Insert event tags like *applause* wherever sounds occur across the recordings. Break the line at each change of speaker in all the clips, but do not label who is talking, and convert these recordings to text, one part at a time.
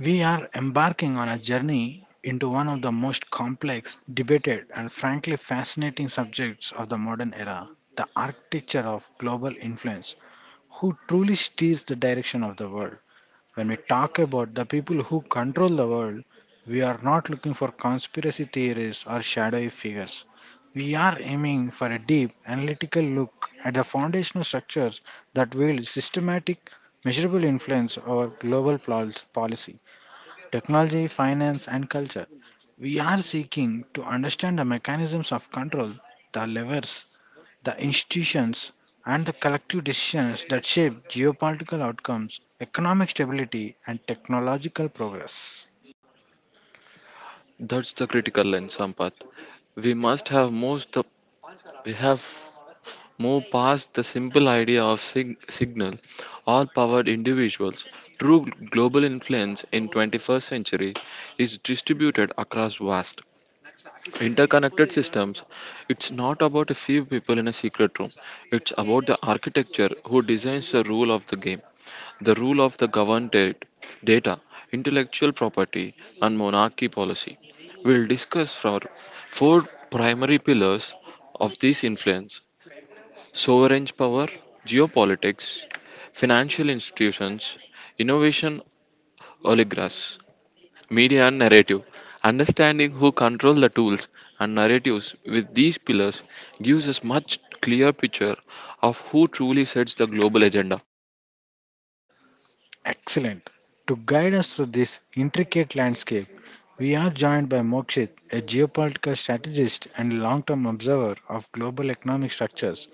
We are embarking on a journey into one of the most complex, debated, and frankly fascinating subjects of the modern era: the architecture of global influence. Who truly steers the direction of the world? When we talk about the people who control the world, we are not looking for conspiracy theories or shadowy figures. We are aiming for a deep, analytical look at the foundational structures that wield systematic, measurable influence over global policy, technology, finance, and culture. We are seeking to understand the mechanisms of control, the levers, the institutions, and the collective decisions that shape geopolitical outcomes, economic stability, and technological progress.
That's the critical lens, Sampath. We must have most the, we have moved past the simple idea of signal all powered individuals. True global influence in 21st century is distributed across vast interconnected systems. It's not about a few people in a secret room. It's about the architecture who designs the rule of the game the rule of the governed data, intellectual property, and monarchy policy. We'll discuss for four primary pillars of this influence sovereign power, geopolitics, financial institutions, innovation oligarchs, media and narrative. Understanding who control the tools and narratives with these pillars gives us much clear picture of who truly sets the global agenda.
Excellent. To guide us through this intricate landscape, we are joined by Mokshit, a geopolitical strategist and long term observer of global economic structures.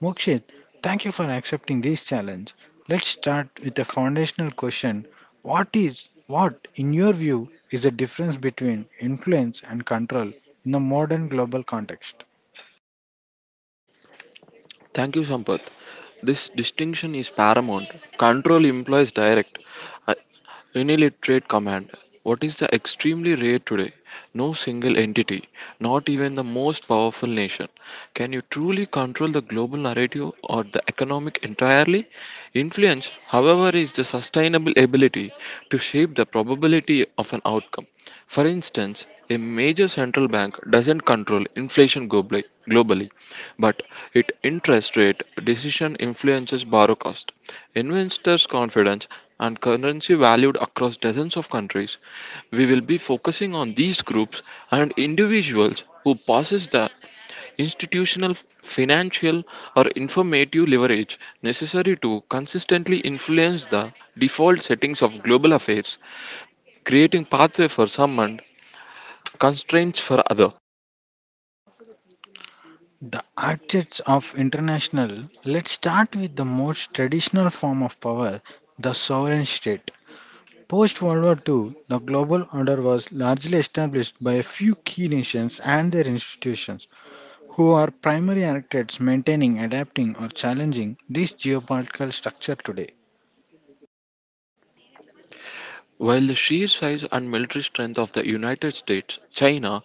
Mokshit, thank you for accepting this challenge. Let's start with a foundational question. What in your view, is the difference between influence and control in the modern global context?
Thank you, Sampath. This distinction is paramount. Control implies direct, uh, unilateral command. What is the extremely rare today? No single entity, not even the most powerful nation, can you truly control the global narrative or the economic entirely? Influence, however, is the sustainable ability to shape the probability of an outcome. For instance, a major central bank doesn't control inflation globally, but it interest rate decision influences borrow cost, investors' confidence, and currency valued across dozens of countries. We will be focusing on these groups and individuals who possess the institutional, financial, or informative leverage necessary to consistently influence the default settings of global affairs, creating pathway for some and constraints for other.
The architects of international, let's start with the most traditional form of power, the sovereign state. Post World War II, the global order was largely established by a few key nations and their institutions, who are primary architects maintaining, adapting, or challenging this geopolitical structure today.
While the sheer size and military strength of the United States, China,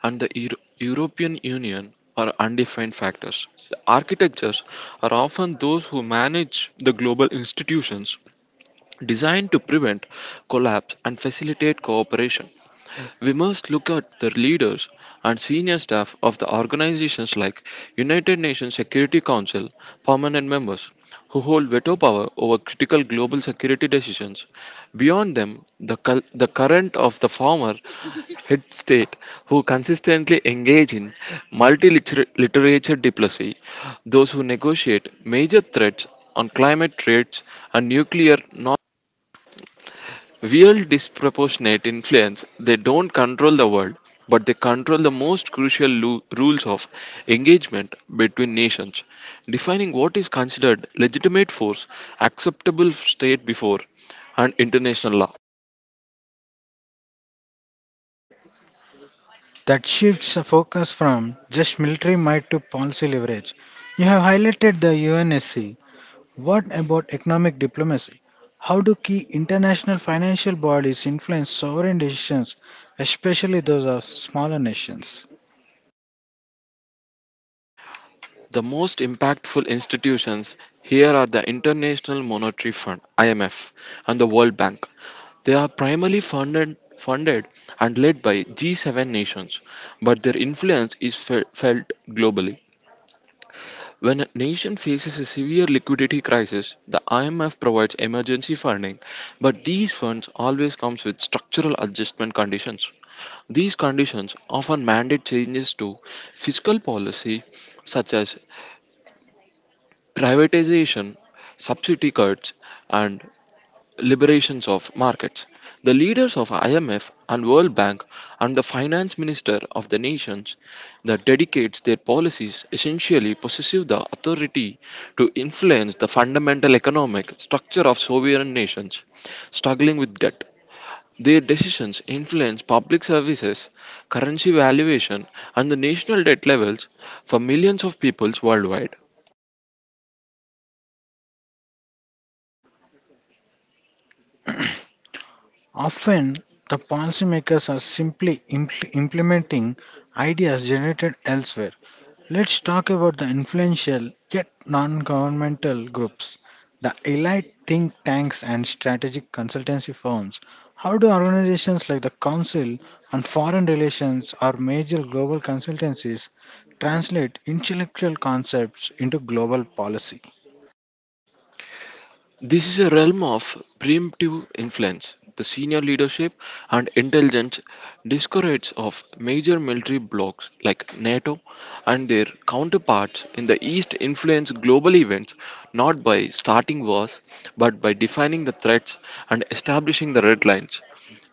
and the European Union are undefined factors, the architectures are often those who manage the global institutions designed to prevent collapse and facilitate cooperation. We must look at the leaders and senior staff of the organizations like United Nations Security Council permanent members who hold veto power over critical global security decisions. Beyond them, the current of the former *laughs* head state who consistently engage in multi-literature diplomacy, those who negotiate major threats on climate threats and nuclear real disproportionate influence, they don't control the world, but they control the most crucial rules of engagement between nations, defining what is considered legitimate force, acceptable state before, and international law.
That shifts the focus from just military might to policy leverage. You have highlighted the UNSC. What about economic diplomacy? How do key international financial bodies influence sovereign decisions, especially those of smaller nations?
The most impactful institutions here are the International Monetary Fund (IMF) and the World Bank. They are primarily funded and led by G7 nations, but their influence is felt globally. When a nation faces a severe liquidity crisis, the IMF provides emergency funding, but these funds always comes with structural adjustment conditions. These conditions often mandate changes to fiscal policy such as privatization, subsidy cuts, and liberations of markets. The leaders of IMF and World Bank and the finance minister of the nations that dedicates their policies essentially possess the authority to influence the fundamental economic structure of sovereign nations struggling with debt. Their decisions influence public services, currency valuation, and the national debt levels for millions of peoples worldwide.
Often, the policymakers are simply implementing ideas generated elsewhere. Let's talk about the influential yet non governmental groups, the elite think tanks and strategic consultancy firms. How do organizations like the Council on Foreign Relations or major global consultancies translate intellectual concepts into global policy?
This is a realm of preemptive influence. The senior leadership and intelligence discouraged of major military blocs like NATO and their counterparts in the East influence global events not by starting wars but by defining the threats and establishing the red lines.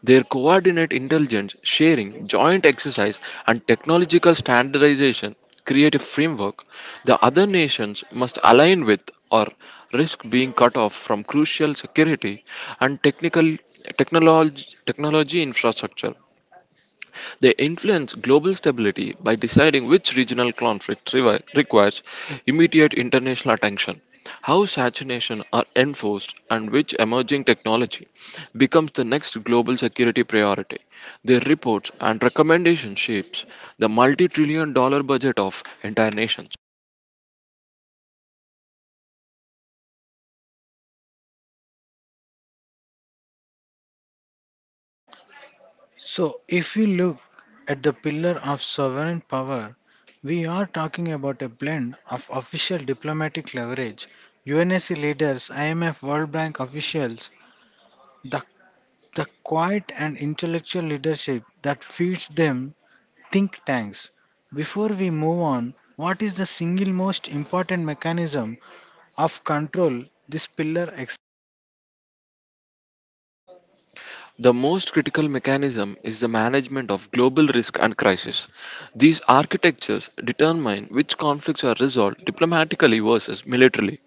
Their coordinate intelligence sharing, joint exercise, and technological standardization create a framework the other nations must align with or risk being cut off from crucial security and technology infrastructure. They influence global stability by deciding which regional conflict requires immediate international attention, how sanctions are enforced, and which emerging technology becomes the next global security priority. Their reports and recommendations shapes the multi-trillion-dollar budget of entire nations.
So, if we look at the pillar of sovereign power, we are talking about a blend of official diplomatic leverage, UNSC leaders, IMF, World Bank officials, the, the quiet and intellectual leadership that feeds them think tanks. Before we move on, what is the single most important mechanism of control this pillar ex?
The most critical mechanism is the management of global risk and crisis. These architectures determine which conflicts are resolved diplomatically versus militarily,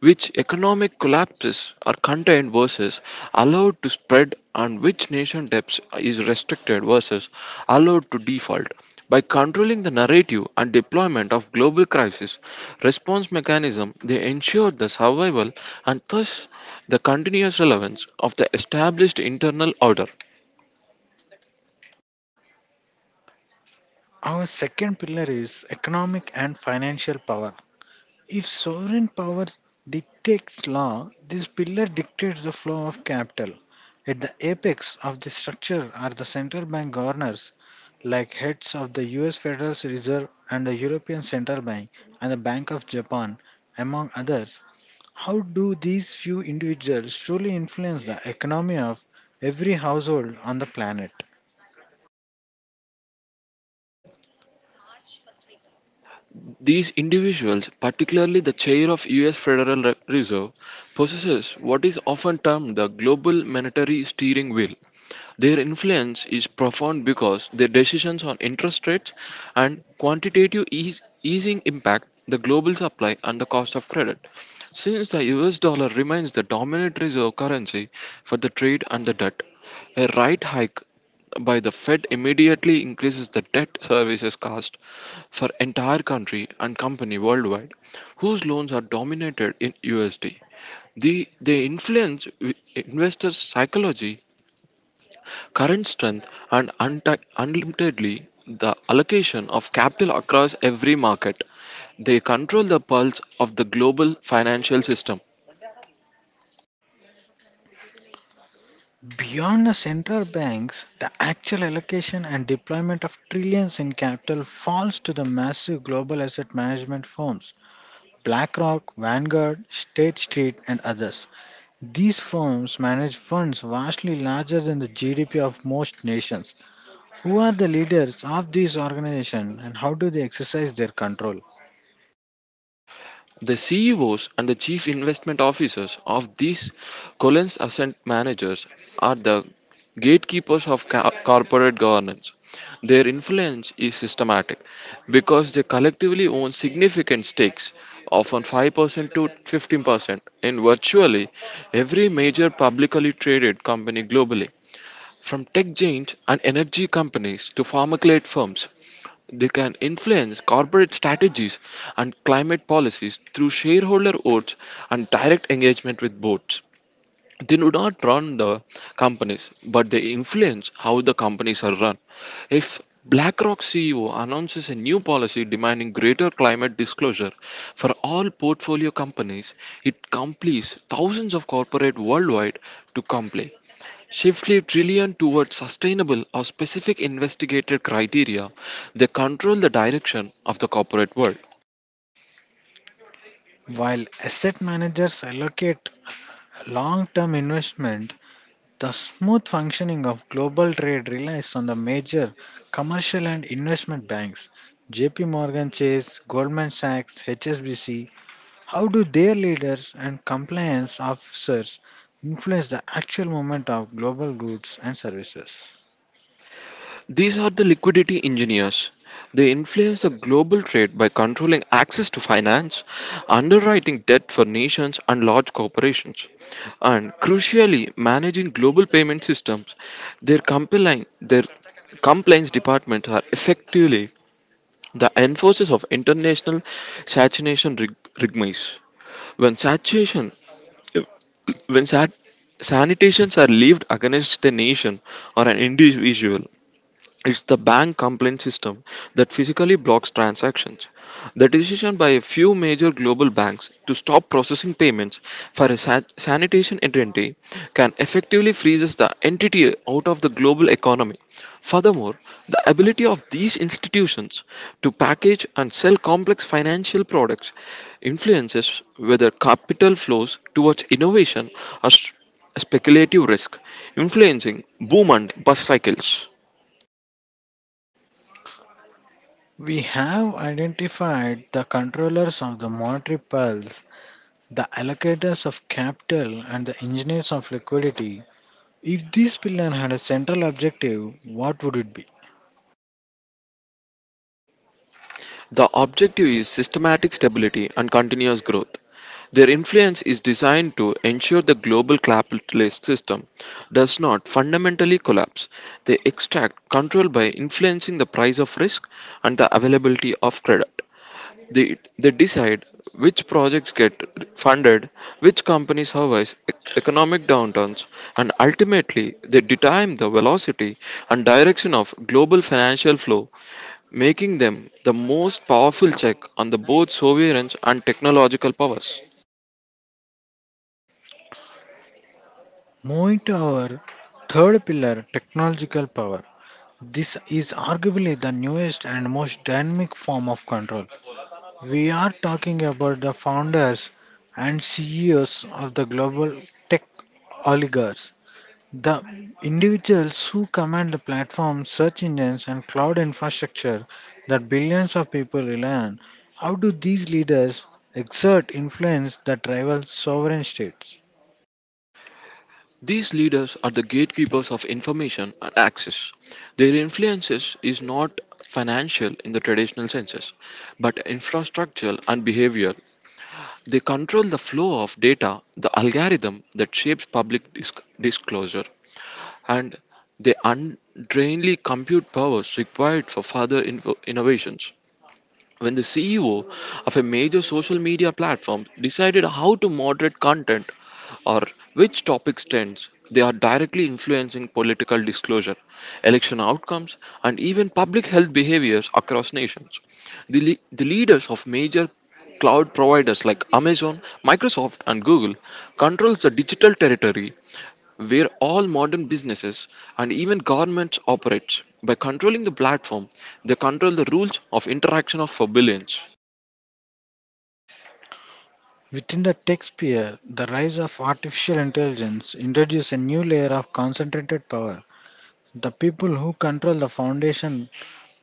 which economic collapses are contained versus allowed to spread, and which nation depth is restricted versus allowed to default. By controlling the narrative and deployment of global crisis response mechanism, they ensure the survival and thus the continuous relevance of the established internal order.
Our second pillar is economic and financial power. If sovereign power dictates law, this pillar dictates the flow of capital. At the apex of this structure are the central bank governors, like heads of the US Federal Reserve and the European Central Bank and the Bank of Japan, among others. How do these few individuals truly influence the economy of every household on the planet?
These individuals, particularly the chair of US Federal Reserve, possesses what is often termed the global monetary steering wheel. Their influence is profound because their decisions on interest rates and quantitative easing impact the global supply and the cost of credit. Since the US dollar remains the dominant reserve currency for the trade and the debt, a rate hike by the Fed immediately increases the debt services cost for entire country and company worldwide whose loans are dominated in USD. They influence investors' psychology current strength, and unlimitedly the allocation of capital across every market. They control the pulse of the global financial system.
Beyond the central banks, the actual allocation and deployment of trillions in capital falls to the massive global asset management firms: BlackRock, Vanguard, State Street, and others. These firms manage funds vastly larger than the GDP of most nations. Who are the leaders of these organizations and how do they exercise their control?
The CEOs and the chief investment officers of these Collins asset managers are the gatekeepers of corporate governance. Their influence is systematic because they collectively own significant stakes, often 5% to 15%, in virtually every major publicly traded company globally. From tech giants and energy companies to pharmacolate firms, they can influence corporate strategies and climate policies through shareholder votes and direct engagement with boards. They do not run the companies, but they influence how the companies are run. If BlackRock CEO announces a new policy demanding greater climate disclosure for all portfolio companies, it compels thousands of corporate worldwide to comply. Shiftly trillion towards sustainable or specific investigated criteria they control the direction of the corporate world.
While asset managers allocate long term investment, the smooth functioning of global trade relies on the major commercial and investment banks: JP Morgan Chase, Goldman Sachs, HSBC. How do their leaders and compliance officers influence the actual movement of global goods and services?
These are the liquidity engineers. They influence the global trade by controlling access to finance, underwriting debt for nations and large corporations, and crucially managing global payment systems. Their compliance departments are effectively the enforcers of international saturation rigmates. When sanitation, when sanitations are levied against a nation or an individual, it's the bank complaint system that physically blocks transactions. The decision by a few major global banks to stop processing payments for a sanitation entity can effectively freezes the entity out of the global economy. Furthermore, the ability of these institutions to package and sell complex financial products influences whether capital flows towards innovation or speculative risk, influencing boom and bust cycles.
We have identified the controllers of the monetary pulse, the allocators of capital, and the engineers of liquidity. If this pillar had a central objective, what would it be?
The objective is systematic stability and continuous growth. Their influence is designed to ensure the global capitalist system does not fundamentally collapse. They extract control by influencing the price of risk and the availability of credit. They decide which projects get funded, which companies survive economic downturns, and ultimately they determine the velocity and direction of global financial flow, making them the most powerful check on the both sovereigns and technological powers.
Moving to our third pillar, technological power. This is arguably the newest and most dynamic form of control. We are talking about the founders and CEOs of the global tech oligarchs, the individuals who command the platforms, search engines, and cloud infrastructure that billions of people rely on. How do these leaders exert influence that rival sovereign states?
These leaders are the gatekeepers of information and access. Their influences is not financial in the traditional senses, but infrastructural and behavioral. They control the flow of data, the algorithm that shapes public disclosure, and they undrainly compute powers required for further innovations when the CEO of a major social media platform decided how to moderate content or which topics trends, they are directly influencing political disclosure, election outcomes, and even public health behaviors across nations. The leaders of major cloud providers like Amazon, Microsoft, and Google controls the digital territory where all modern businesses and even governments operate. By controlling the platform, they control the rules of interaction of for billions.
Within the tech sphere, the rise of artificial intelligence introduces a new layer of concentrated power. The people who control the foundation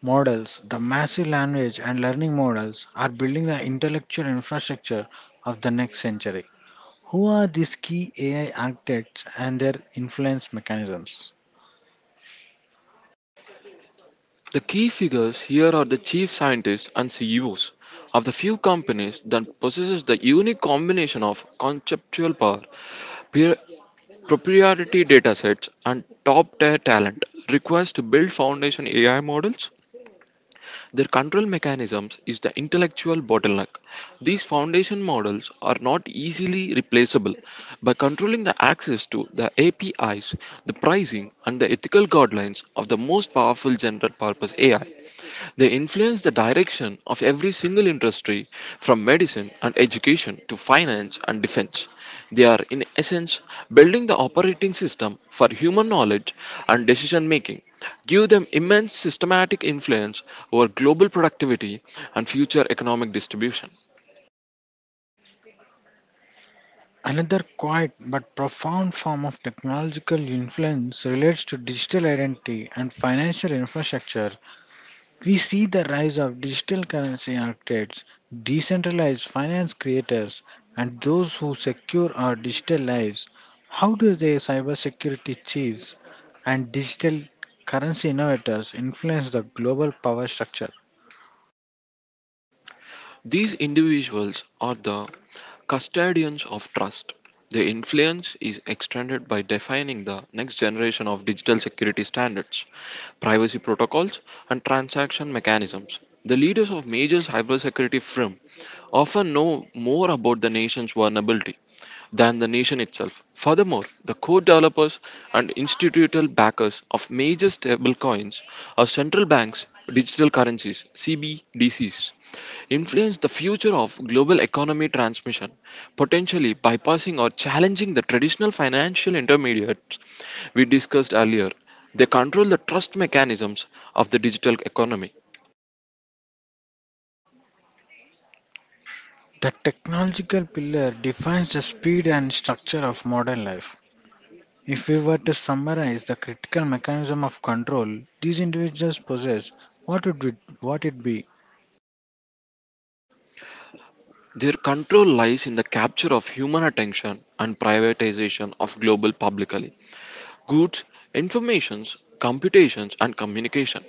models, the massive language and learning models are building the intellectual infrastructure of the next century. Who are these key AI architects and their influence mechanisms?
The key figures here are the chief scientists and CEOs of the few companies that possesses the unique combination of conceptual power, peer- proprietary datasets, and top-tier talent requires to build foundation AI models. Their control mechanisms is the intellectual bottleneck. These foundation models are not easily replaceable. By controlling the access to the APIs, the pricing, and the ethical guidelines of the most powerful general purpose AI, they influence the direction of every single industry, from medicine and education to finance and defense. They are, in essence, building the operating system for human knowledge and decision making, give them immense systematic influence over global productivity and future economic distribution.
Another quiet but profound form of technological influence relates to digital identity and financial infrastructure. We see the rise of digital currency architects, decentralized finance creators, and those who secure our digital lives. How do the cybersecurity chiefs and digital currency innovators influence the global power structure?
These individuals are the custodians of trust. Their influence is extended by defining the next generation of digital security standards, privacy protocols, and transaction mechanisms. The leaders of major cybersecurity firms often know more about the nation's vulnerability than the nation itself. Furthermore, the core developers and institutional backers of major stablecoins are central banks, digital currencies, CBDCs influence the future of global economy transmission, potentially bypassing or challenging the traditional financial intermediates we discussed earlier. They control the trust mechanisms of the digital economy.
The technological pillar defines the speed and structure of modern life. If we were to summarize the critical mechanism of control these individuals possess, what would it be?
Their control lies in the capture of human attention and privatization of global publicly goods, informations, computations, and communication.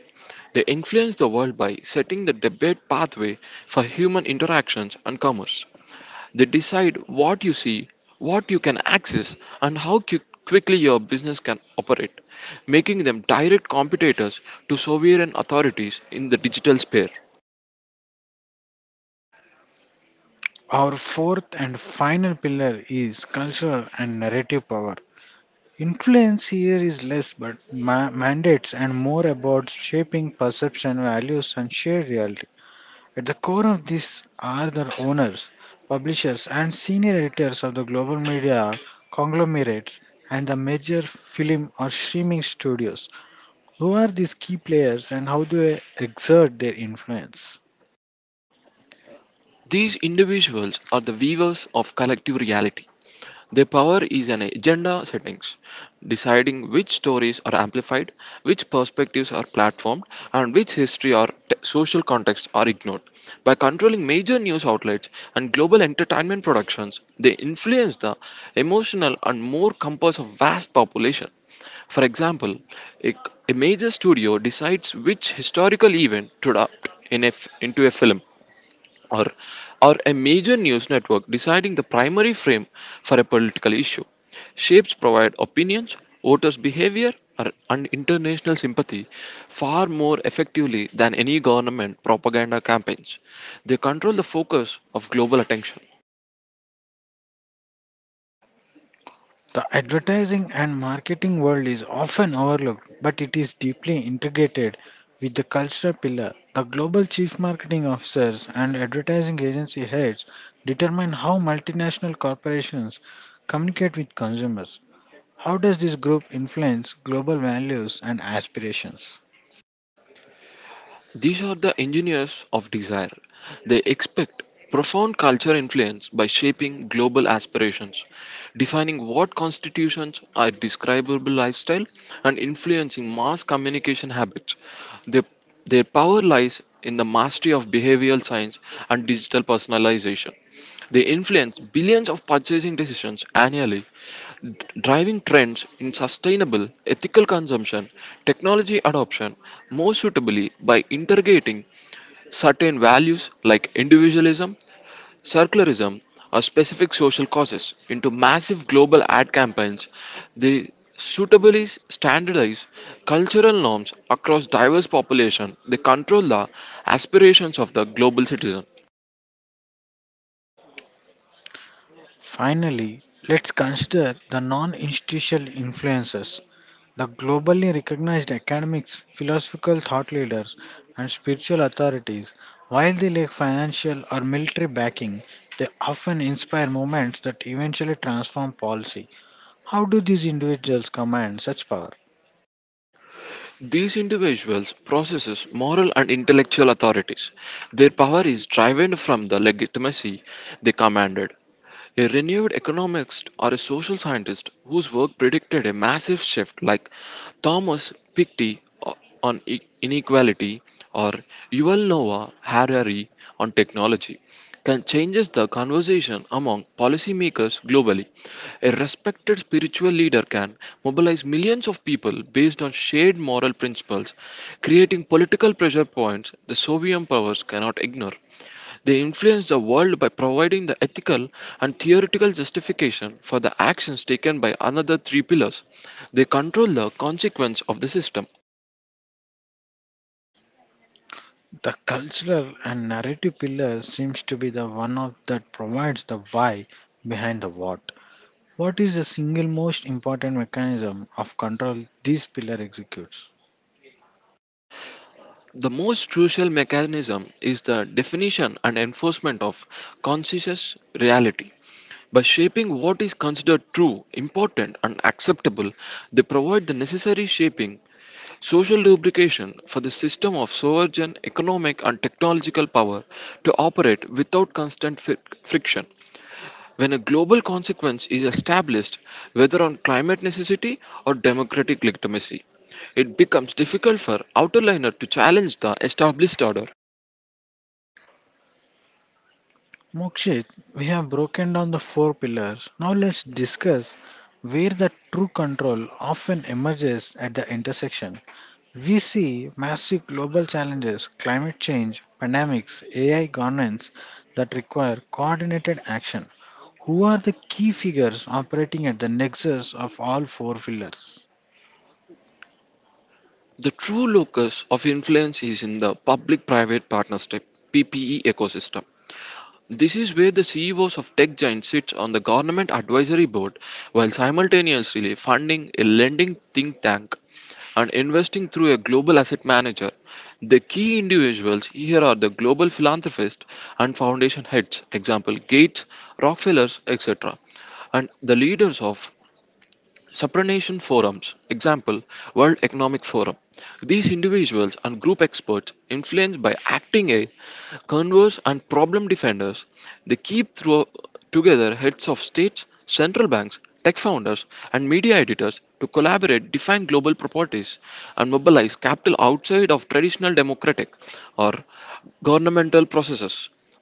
They influence the world by setting the debate pathway for human interactions and commerce. They decide what you see, what you can access, and how quickly your business can operate, making them direct competitors to sovereign authorities in the digital sphere.
Our fourth and final pillar is cultural and narrative power. Influence here is less but mandates and more about shaping perception, values, and shared reality. At the core of this are the owners, publishers, and senior editors of the global media conglomerates and the major film or streaming studios. Who are these key players and how do they exert their influence?
These individuals are the weavers of collective reality. Their power is an agenda settings, deciding which stories are amplified, which perspectives are platformed, and which history or social contexts are ignored. By controlling major news outlets and global entertainment productions, they influence the emotional and more compass of vast population. For example, a, a major studio decides which historical event to adapt in into a film, or, or a major news network deciding the primary frame for a political issue. Shapes provide opinions, voters' behavior, and international sympathy far more effectively than any government propaganda campaigns. They control the focus of global attention.
The advertising and marketing world is often overlooked, but it is deeply integrated with the cultural pillar. The global chief marketing officers and advertising agency heads determine how multinational corporations communicate with consumers. How does this group influence global values and aspirations?
These are the engineers of desire. They expect profound culture influence by shaping global aspirations, defining what constitutions are describable lifestyle, and influencing mass communication habits. Their, their power lies in the mastery of behavioral science and digital personalization. They influence billions of purchasing decisions annually driving trends in sustainable, ethical consumption, technology adoption more suitably by integrating certain values like individualism, circularism, or specific social causes into massive global ad campaigns. They suitably standardize cultural norms across diverse population. They control the aspirations of the global citizen.
Finally, let's consider the non institutional influences. The globally recognized academics, philosophical thought leaders, and spiritual authorities, while they lack financial or military backing, they often inspire movements that eventually transform policy. How do these individuals command such power?
These individuals possess moral and intellectual authorities. Their power is derived from the legitimacy they commanded. A renewed economist or a social scientist whose work predicted a massive shift, like Thomas Piketty o- on inequality or Yuval Noah Harari on technology, can changes the conversation among policymakers globally. A respected spiritual leader can mobilize millions of people based on shared moral principles, creating political pressure points the Soviet powers cannot ignore. They influence the world by providing the ethical and theoretical justification for the actions taken by another three pillars. They control the consequence of the system.
The cultural and narrative pillar seems to be the one of that provides the why behind the what. What is the single most important mechanism of control this pillar executes?
The most crucial mechanism is the definition and enforcement of conscious reality. By shaping what is considered true, important, and acceptable, they provide the necessary shaping, social lubrication for the system of sovereign economic and technological power to operate without constant friction. When a global consequence is established, whether on climate necessity or democratic legitimacy, it becomes difficult for outerliner to challenge the established order.
Mokshit, we have broken down the four pillars. Now let's discuss where the true control often emerges at the intersection. We see massive global challenges, climate change, pandemics, AI governance, that require coordinated action. Who are the key figures operating at the nexus of all four pillars?
The true locus of influence is in the public private partnership PPE ecosystem. This is where the CEOs of tech giants sit on the government advisory board while simultaneously funding a lending think tank and investing through a global asset manager. The key individuals here are the global philanthropists and foundation heads, example Gates, Rockefellers, etc., and the leaders of supranation forums, example World Economic Forum. These individuals and group experts, influenced by acting a converse and problem defenders, they keep through, together heads of states, central banks, tech founders, and media editors to collaborate, define global properties, and mobilize capital outside of traditional democratic or governmental processes.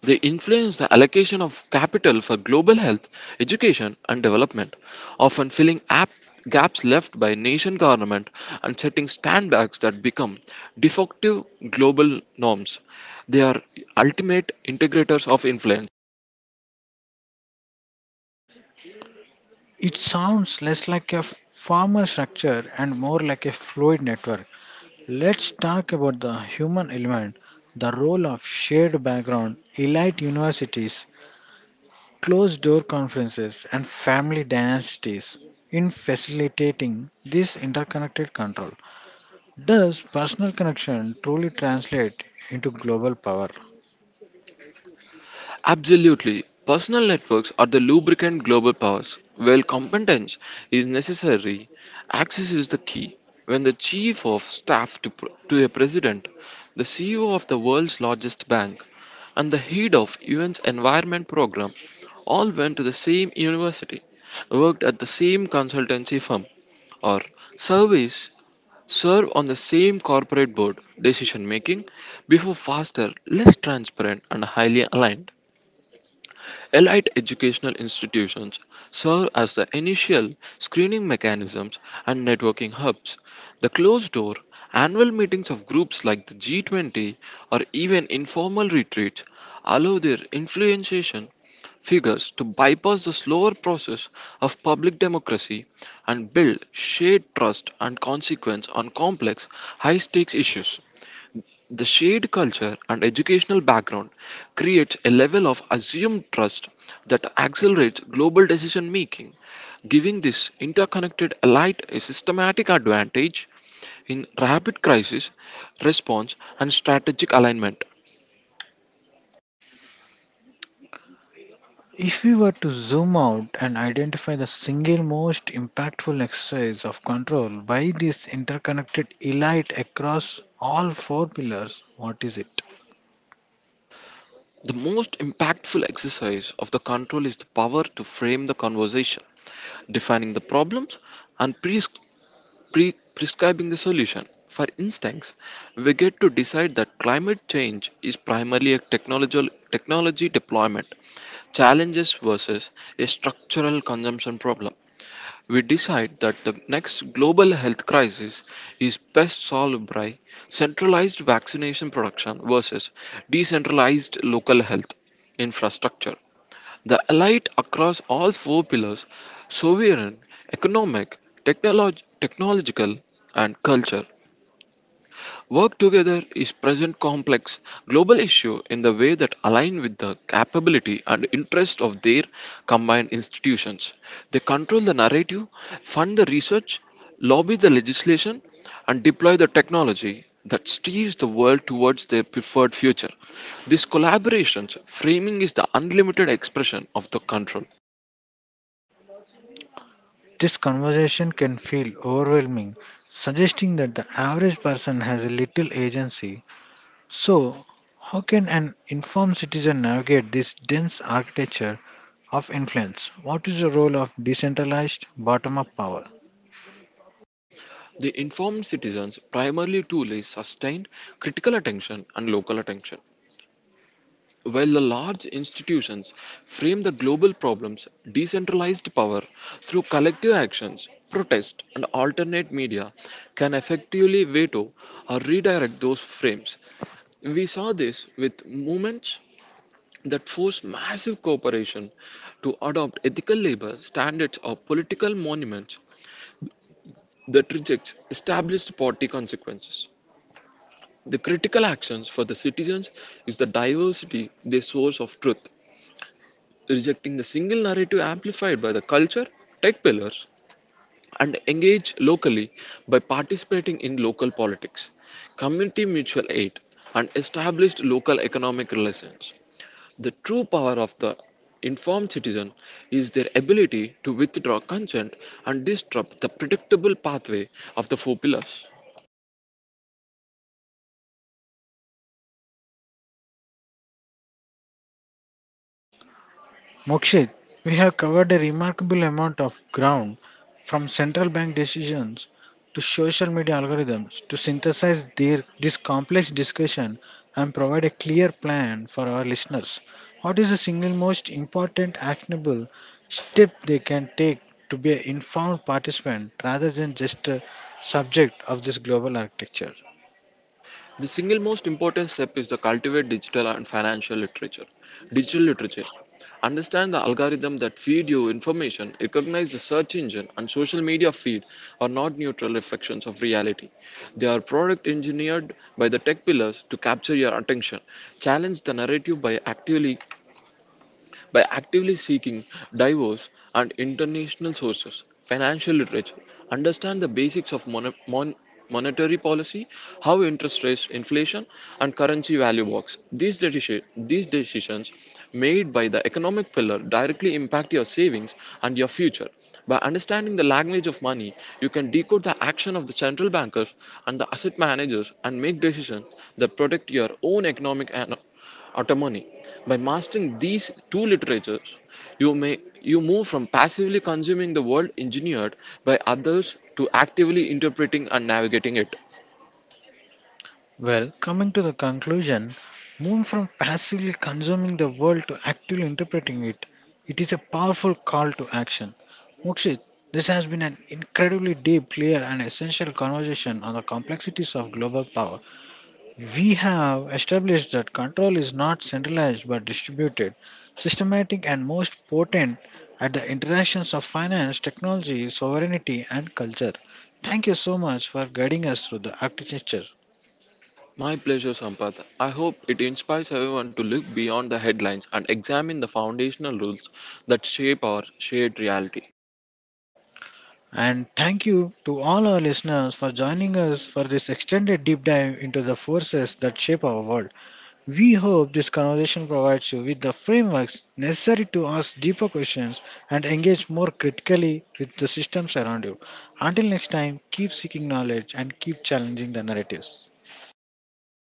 They influence the allocation of capital for global health, education, and development, often filling gaps left by nation government and setting standbacks that become defective global norms. They are ultimate integrators of influence.
It sounds less like a formal structure and more like a fluid network. Let's talk about the human element, the role of shared background, elite universities, closed door conferences, and family dynasties in facilitating this interconnected control. Does personal connection truly translate into global power?
Absolutely. Personal networks are the lubricant global powers. While competence is necessary, access is the key. When the chief of staff to, to a president, the CEO of the world's largest bank, and the head of UN's environment program all went to the same university, worked at the same consultancy firm, or service serve on the same corporate board, decision making before faster, less transparent, and highly aligned. Elite educational institutions serve as the initial screening mechanisms and networking hubs. The closed door, annual meetings of groups like the G20 or even informal retreats allow their influentiation figures to bypass the slower process of public democracy and build shared trust and consequence on complex, high stakes issues. The shared culture and educational background creates a level of assumed trust that accelerates global decision making, giving this interconnected elite a systematic advantage in rapid crisis response and strategic alignment.
If we were to zoom out and identify the single most impactful exercise of control by this interconnected elite across all four pillars, what is it?
The most impactful exercise of the control is the power to frame the conversation, defining the problems and prescribing the solution. For instance, we get to decide that climate change is primarily a technological technology deployment challenges versus a structural consumption problem. We decide that the next global health crisis is best solved by centralized vaccination production versus decentralized local health infrastructure. The elite across all four pillars sovereign, economic, technological, and culture work together is present complex global issue in the way that align with the capability and interest of their combined institutions. They control the narrative, fund the research, lobby the legislation, and deploy the technology that steers the world towards their preferred future. This collaboration's framing is the unlimited expression of the control.
This conversation can feel overwhelming, suggesting that the average person has little agency. So, how can an informed citizen navigate this dense architecture of influence? What is the role of decentralized bottom up power?
They inform citizens primarily to sustain critical attention and local attention. While the large institutions frame the global problems, decentralized power through collective actions, protest, and alternate media can effectively veto or redirect those frames. We saw this with movements that force massive corporations to adopt ethical labor standards or political monuments that rejects established party consequences. The critical actions for the citizens is the diversity, the source of truth, rejecting the single narrative amplified by the culture, tech pillars, and engage locally by participating in local politics, community mutual aid, and established local economic relations. The true power of the informed citizen is their ability to withdraw consent and disrupt the predictable pathway of the four pillars.
Mokshit, we have covered a remarkable amount of ground, from central bank decisions to social media algorithms, to synthesize their, this complex discussion and provide a clear plan for our listeners. What is the single most important actionable step they can take to be an informed participant rather than just a subject of this global architecture?
The single most important step is to cultivate digital and financial literature. Digital literature. Understand the algorithm that feed you information, recognize the search engine and social media feed are not neutral reflections of reality. They are product engineered by the tech pillars to capture your attention. Challenge the narrative by actively seeking diverse and international sources, financial literature, understand the basics of monetary policy, how interest rates, inflation, and currency value works. These decisions made by the economic pillar directly impact your savings and your future. By understanding the language of money, you can decode the action of the central bankers and the asset managers and make decisions that protect your own autonomy. By mastering these two literatures, you move from passively consuming the world engineered by others to actively interpreting and navigating it.
Well, coming to the conclusion, move from passively consuming the world to actively interpreting it. It is a powerful call to action. Mokshit, this has been an incredibly deep, clear, and essential conversation on the complexities of global power. We have established that control is not centralized but distributed, systematic, and most potent at the interactions of finance, technology, sovereignty, and culture. Thank you so much for guiding us through the architecture.
My pleasure, Sampath. I hope it inspires everyone to look beyond the headlines and examine the foundational rules that shape our shared reality.
And thank you to all our listeners for joining us for this extended deep dive into the forces that shape our world. We hope this conversation provides you with the frameworks necessary to ask deeper questions and engage more critically with the systems around you. Until next time, keep seeking knowledge and keep challenging the narratives.